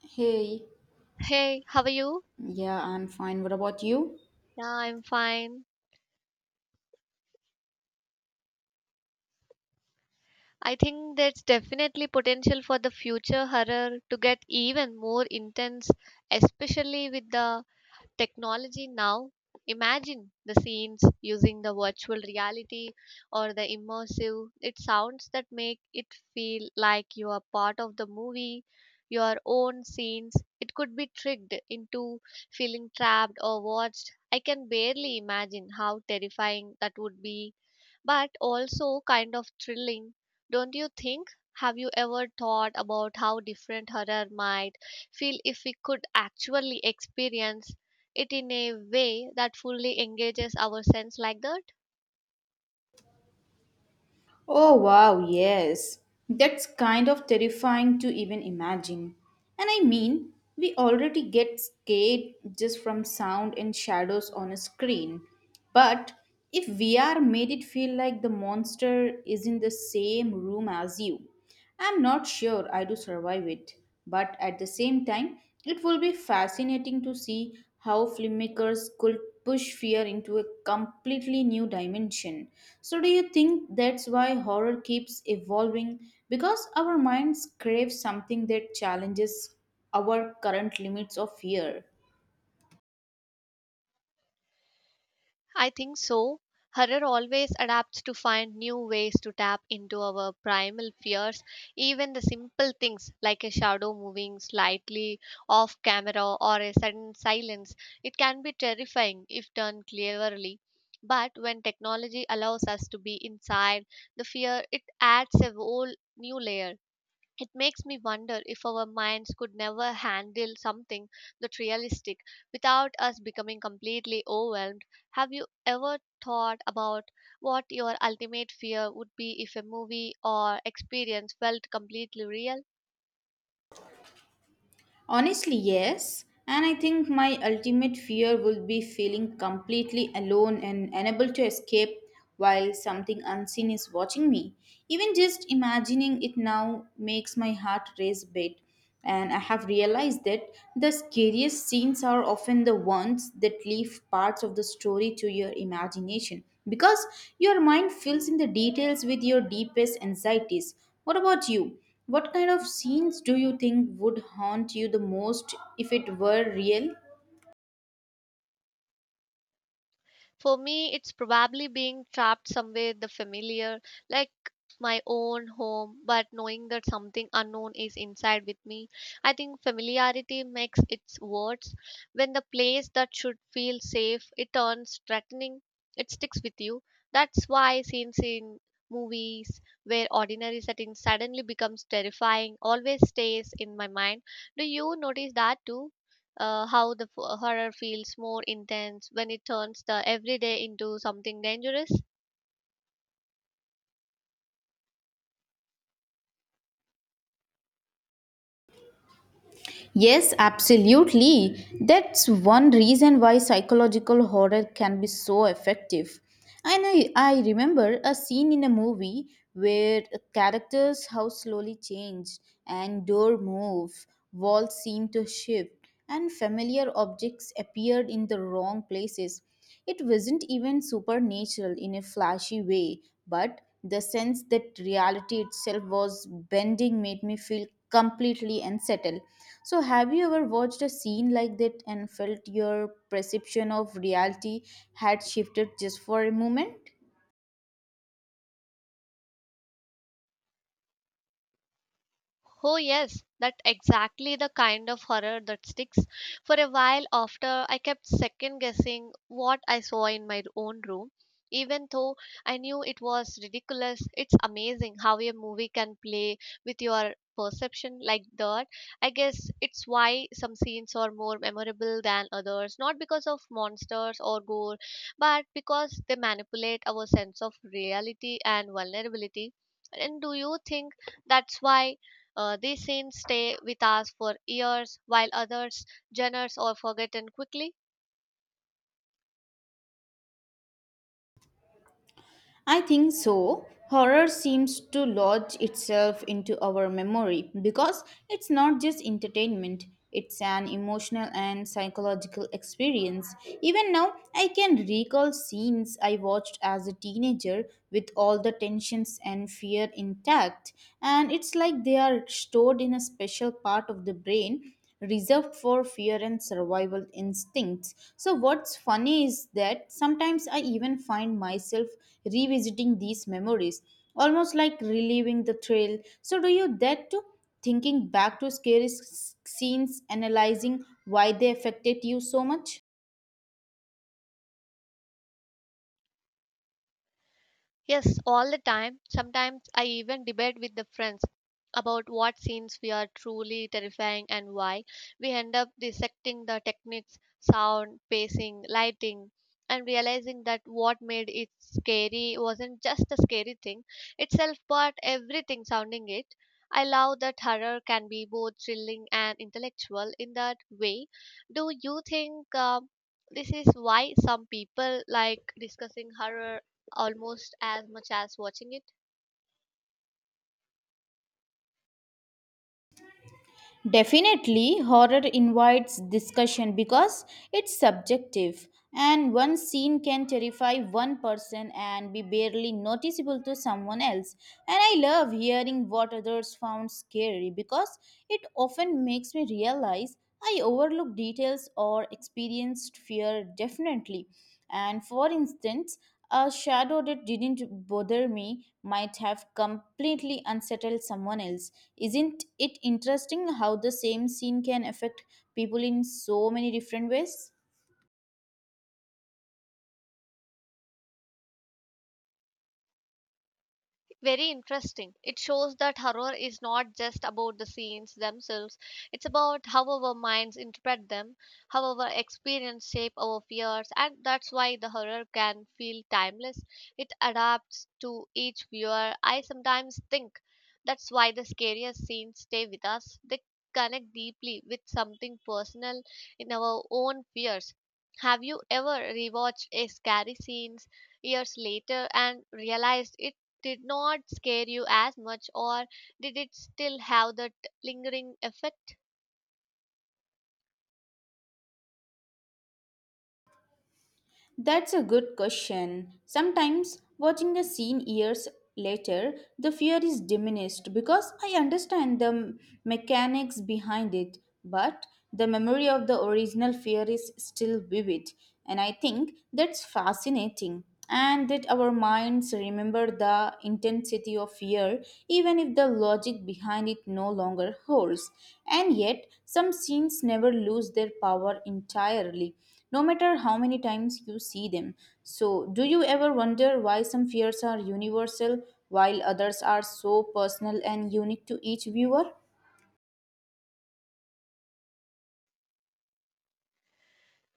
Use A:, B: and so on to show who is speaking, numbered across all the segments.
A: Hey,
B: Hey, how are you?
A: yeah, I'm fine. What about you?
B: Yeah, I'm fine. I think there's definitely potential for the future horror to get even more intense, especially with the technology now. Imagine the scenes using the virtual reality or the immersive it sounds that make it feel like you are part of the movie. Your own scenes it could be tricked into feeling trapped or watched. I can barely imagine how terrifying that would be, but also kind of thrilling. Don't you think? Have you ever thought about how different horror might feel if we could actually experience it in a way that fully engages our sense like that?
A: Oh, wow, yes. That's kind of terrifying to even imagine. And I mean, we already get scared just from sound and shadows on a screen. But if VR made it feel like the monster is in the same room as you, I'm not sure I do survive it, but at the same time, it will be fascinating to see how filmmakers could push fear into a completely new dimension. So, do you think that's why horror keeps evolving? Because our minds crave something that challenges our current limits of fear.
B: I think so. Horror always adapts to find new ways to tap into our primal fears, even the simple things like a shadow moving slightly off camera or a sudden silence. It can be terrifying if done cleverly. But when technology allows us to be inside the fear, it adds a whole new layer. It makes me wonder if our minds could never handle something that realistic without us becoming completely overwhelmed. Have you ever thought about what your ultimate fear would be if a movie or experience felt completely real?
A: Honestly, yes. And I think my ultimate fear would be feeling completely alone and unable to escape while something unseen is watching me. Even just imagining it now makes my heart race a bit. And I have realized that the scariest scenes are often the ones that leave parts of the story to your imagination because your mind fills in the details with your deepest anxieties. What about you? What kind of scenes do you think would haunt you the most if it were real?
B: For me, it's probably being trapped somewhere the familiar, like my own home, but knowing that something unknown is inside with me. I think familiarity makes its words. When the place that should feel safe, it turns threatening, it sticks with you. That's why scenes in movies where ordinary setting suddenly becomes terrifying always stays in my mind. Do you notice that too? How the horror feels more intense when it turns the everyday into something dangerous.
A: Yes, absolutely. That's one reason why psychological horror can be so effective. And I remember a scene in a movie where a character's house slowly changed and door move, walls seem to shift, and familiar objects appeared in the wrong places. It wasn't even supernatural in a flashy way, but the sense that reality itself was bending made me feel completely unsettled. So, have you ever watched a scene like that and felt your perception of reality had shifted just for a moment?
B: Oh, yes, that exactly the kind of horror that sticks. For a while after, I kept second guessing what I saw in my own room. Even though I knew it was ridiculous, it's amazing how a movie can play with your perception like that. I guess it's why some scenes are more memorable than others, not because of monsters or gore, but because they manipulate our sense of reality and vulnerability. And do you think that's why? These scenes stay with us for years, while others genres are forgotten quickly.
A: I think so. Horror seems to lodge itself into our memory because it's not just entertainment, it's an emotional and psychological experience. Even now, I can recall scenes I watched as a teenager with all the tensions and fear intact, and it's like they are stored in a special part of the brain reserved for fear and survival instincts. So, what's funny is that sometimes I even find myself revisiting these memories, almost like reliving the trail. So, do you that too? Thinking back to scary scenes, analyzing why they affected you so much?
B: Yes, all the time. Sometimes I even debate with the friends about what scenes we are truly terrifying and why. We end up dissecting the techniques, sound, pacing, lighting, and realizing that what made it scary wasn't just the scary thing itself, but everything sounding it. I love that horror can be both thrilling and intellectual in that way. Do you think this is why some people like discussing horror almost as much as watching it?
A: Definitely, horror invites discussion because it's subjective, and one scene can terrify one person and be barely noticeable to someone else. And I love hearing what others found scary because it often makes me realize I overlook details or experienced fear definitely. And for instance, a shadow that didn't bother me might have completely unsettled someone else. Isn't it interesting how the same scene can affect people in so many different ways?
B: Very interesting. It shows that horror is not just about the scenes themselves, it's about how our minds interpret them, how our experience shape our fears, and that's why the horror can feel timeless. It adapts to each viewer. I sometimes think that's why the scariest scenes stay with us. They connect deeply with something personal in our own fears. Have you ever rewatched a scary scenes years later and realized it did not scare you as much, or did it still have that lingering effect?
A: That's a good question. Sometimes, watching a scene years later, the fear is diminished because I understand the mechanics behind it, but the memory of the original fear is still vivid, and I think that's fascinating. And that our minds remember the intensity of fear even if the logic behind it no longer holds, and yet some scenes never lose their power entirely no matter how many times you see them. So do you ever wonder why some fears are universal while others are so personal and unique to each viewer?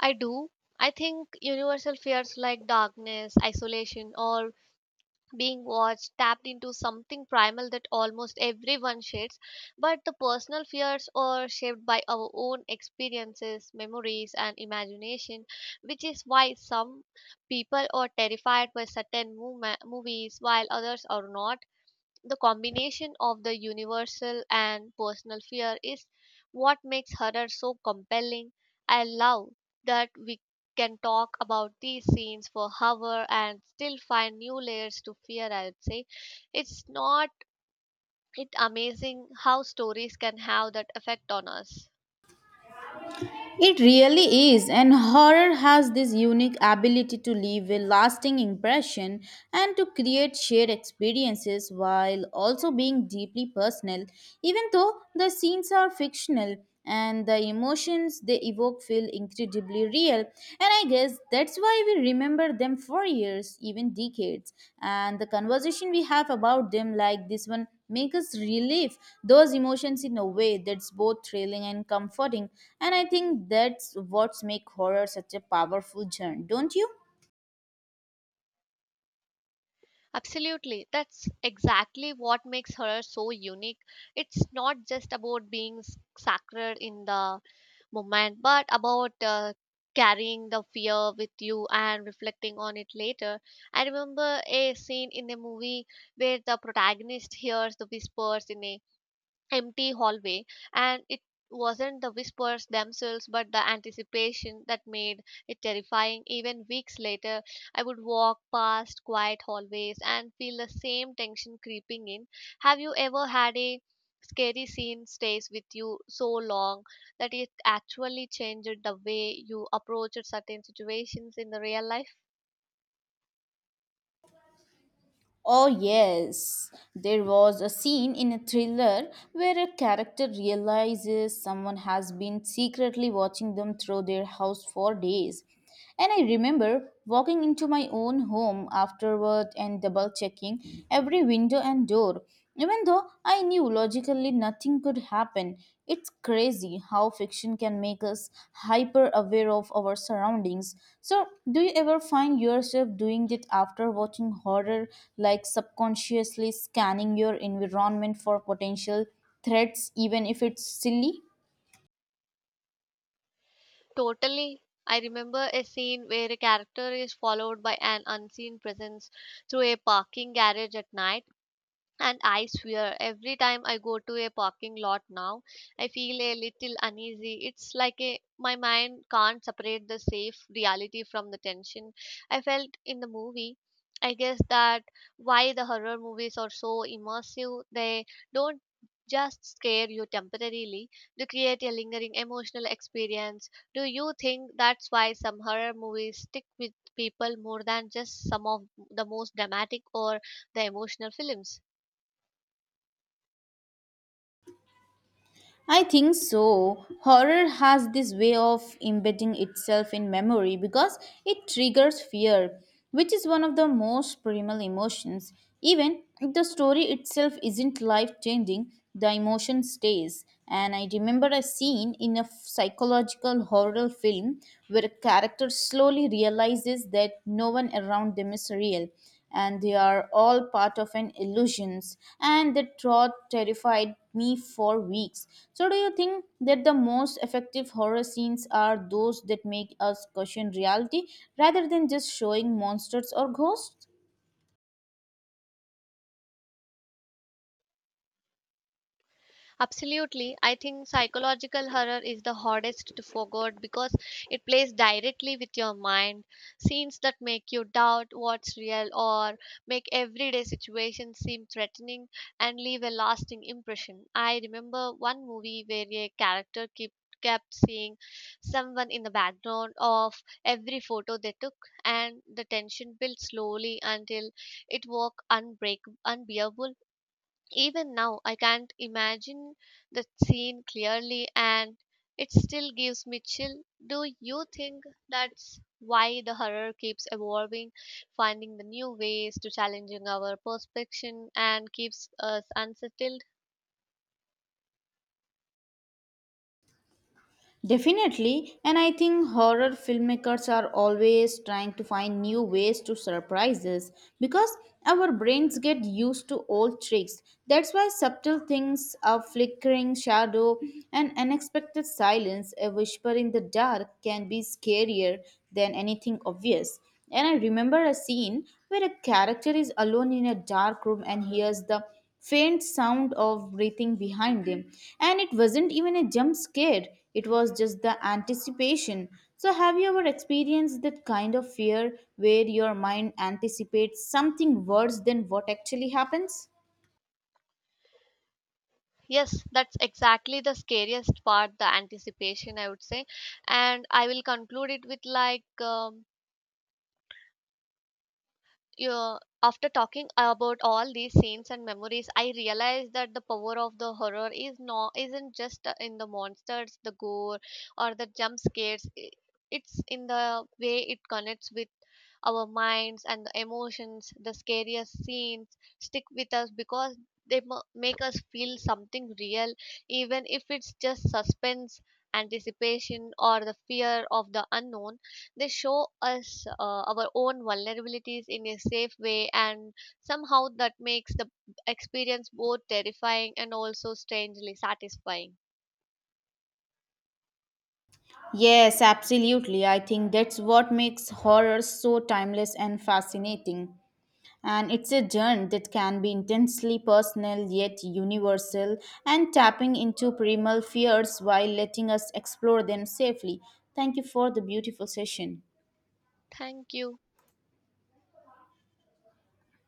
B: I do. I think universal fears like darkness, isolation, or being watched tapped into something primal that almost everyone shares, but the personal fears are shaped by our own experiences, memories, and imagination, which is why some people are terrified by certain movies while others are not. The combination of the universal and personal fear is what makes horror so compelling. I love that we can talk about these scenes for hour and still find new layers to fear. I would say, it's not, it amazing how stories can have that effect on us.
A: It really is, and horror has this unique ability to leave a lasting impression and to create shared experiences while also being deeply personal, even though the scenes are fictional and the emotions they evoke feel incredibly real. And I guess that's why we remember them for years, even decades. And the conversation we have about them, like this one, make us relive those emotions in a way that's both thrilling and comforting, and I think that's what makes horror such a powerful genre, don't you?
B: Absolutely, that's exactly what makes horror so unique. It's not just about being sacred in the moment, but about carrying the fear with you and reflecting on it later. I remember a scene in a movie where the protagonist hears the whispers in a empty hallway, and it wasn't the whispers themselves but the anticipation that made it terrifying. Even weeks later, I would walk past quiet hallways and feel the same tension creeping in. Have you ever had a scary scene stays with you so long that it actually changed the way you approached certain situations in the real life?
A: Oh, yes. There was a scene in a thriller where a character realizes someone has been secretly watching them through their house for days. And I remember walking into my own home afterward and double checking every window and door, even though I knew logically nothing could happen. It's crazy how fiction can make us hyper aware of our surroundings. So, do you ever find yourself doing it after watching horror, like subconsciously scanning your environment for potential threats, even if it's silly?
B: Totally. I remember a scene where a character is followed by an unseen presence through a parking garage at night. And I swear, every time I go to a parking lot now, I feel a little uneasy. It's like a, my mind can't separate the safe reality from the tension I felt in the movie. I guess that why the horror movies are so immersive. They don't just scare you temporarily, they create a lingering emotional experience. Do you think that's why some horror movies stick with people more than just some of the most dramatic or the emotional films?
A: I think so. Horror has this way of embedding itself in memory because it triggers fear, which is one of the most primal emotions. Even if the story itself isn't life changing, the emotion stays. And I remember a scene in a psychological horror film where a character slowly realizes that no one around them is real and they are all part of an illusions, and that thought terrified me for weeks. So do you think that the most effective horror scenes are those that make us question reality rather than just showing monsters or ghosts?
B: Absolutely. I think psychological horror is the hardest to forget because it plays directly with your mind. Scenes that make you doubt what's real or make everyday situations seem threatening and leave a lasting impression. I remember one movie where a character kept seeing someone in the background of every photo they took, and the tension built slowly until it was unbreak unbearable. Even now, I can't imagine the scene clearly, and it still gives me chill. Do you think that's why the horror keeps evolving, finding the new ways to challenging our perception and keeps us unsettled?
A: Definitely, and I think horror filmmakers are always trying to find new ways to surprise us because our brains get used to old tricks. That's why subtle things, a flickering shadow, an unexpected silence, a whisper in the dark can be scarier than anything obvious. And I remember a scene where a character is alone in a dark room and hears the faint sound of breathing behind him. And it wasn't even a jump scare, it was just the anticipation. So, have you ever experienced that kind of fear where your mind anticipates something worse than what actually happens?
B: Yes, that's exactly the scariest part, the anticipation, I would say. And I will conclude it with like, yeah, after talking about all these scenes and memories, I realized that the power of the horror is not isn't just in the monsters, the gore, or the jump scares. It's in the way it connects with our minds and the emotions. The scariest scenes stick with us because they make us feel something real, even if it's just suspense, anticipation, or the fear of the unknown. They show us our own vulnerabilities in a safe way, and somehow that makes the experience both terrifying and also strangely satisfying.
A: Yes, absolutely. I think that's what makes horror so timeless and fascinating. And it's a journey that can be intensely personal yet universal and tapping into primal fears while letting us explore them safely. Thank you for the beautiful session.
B: Thank you.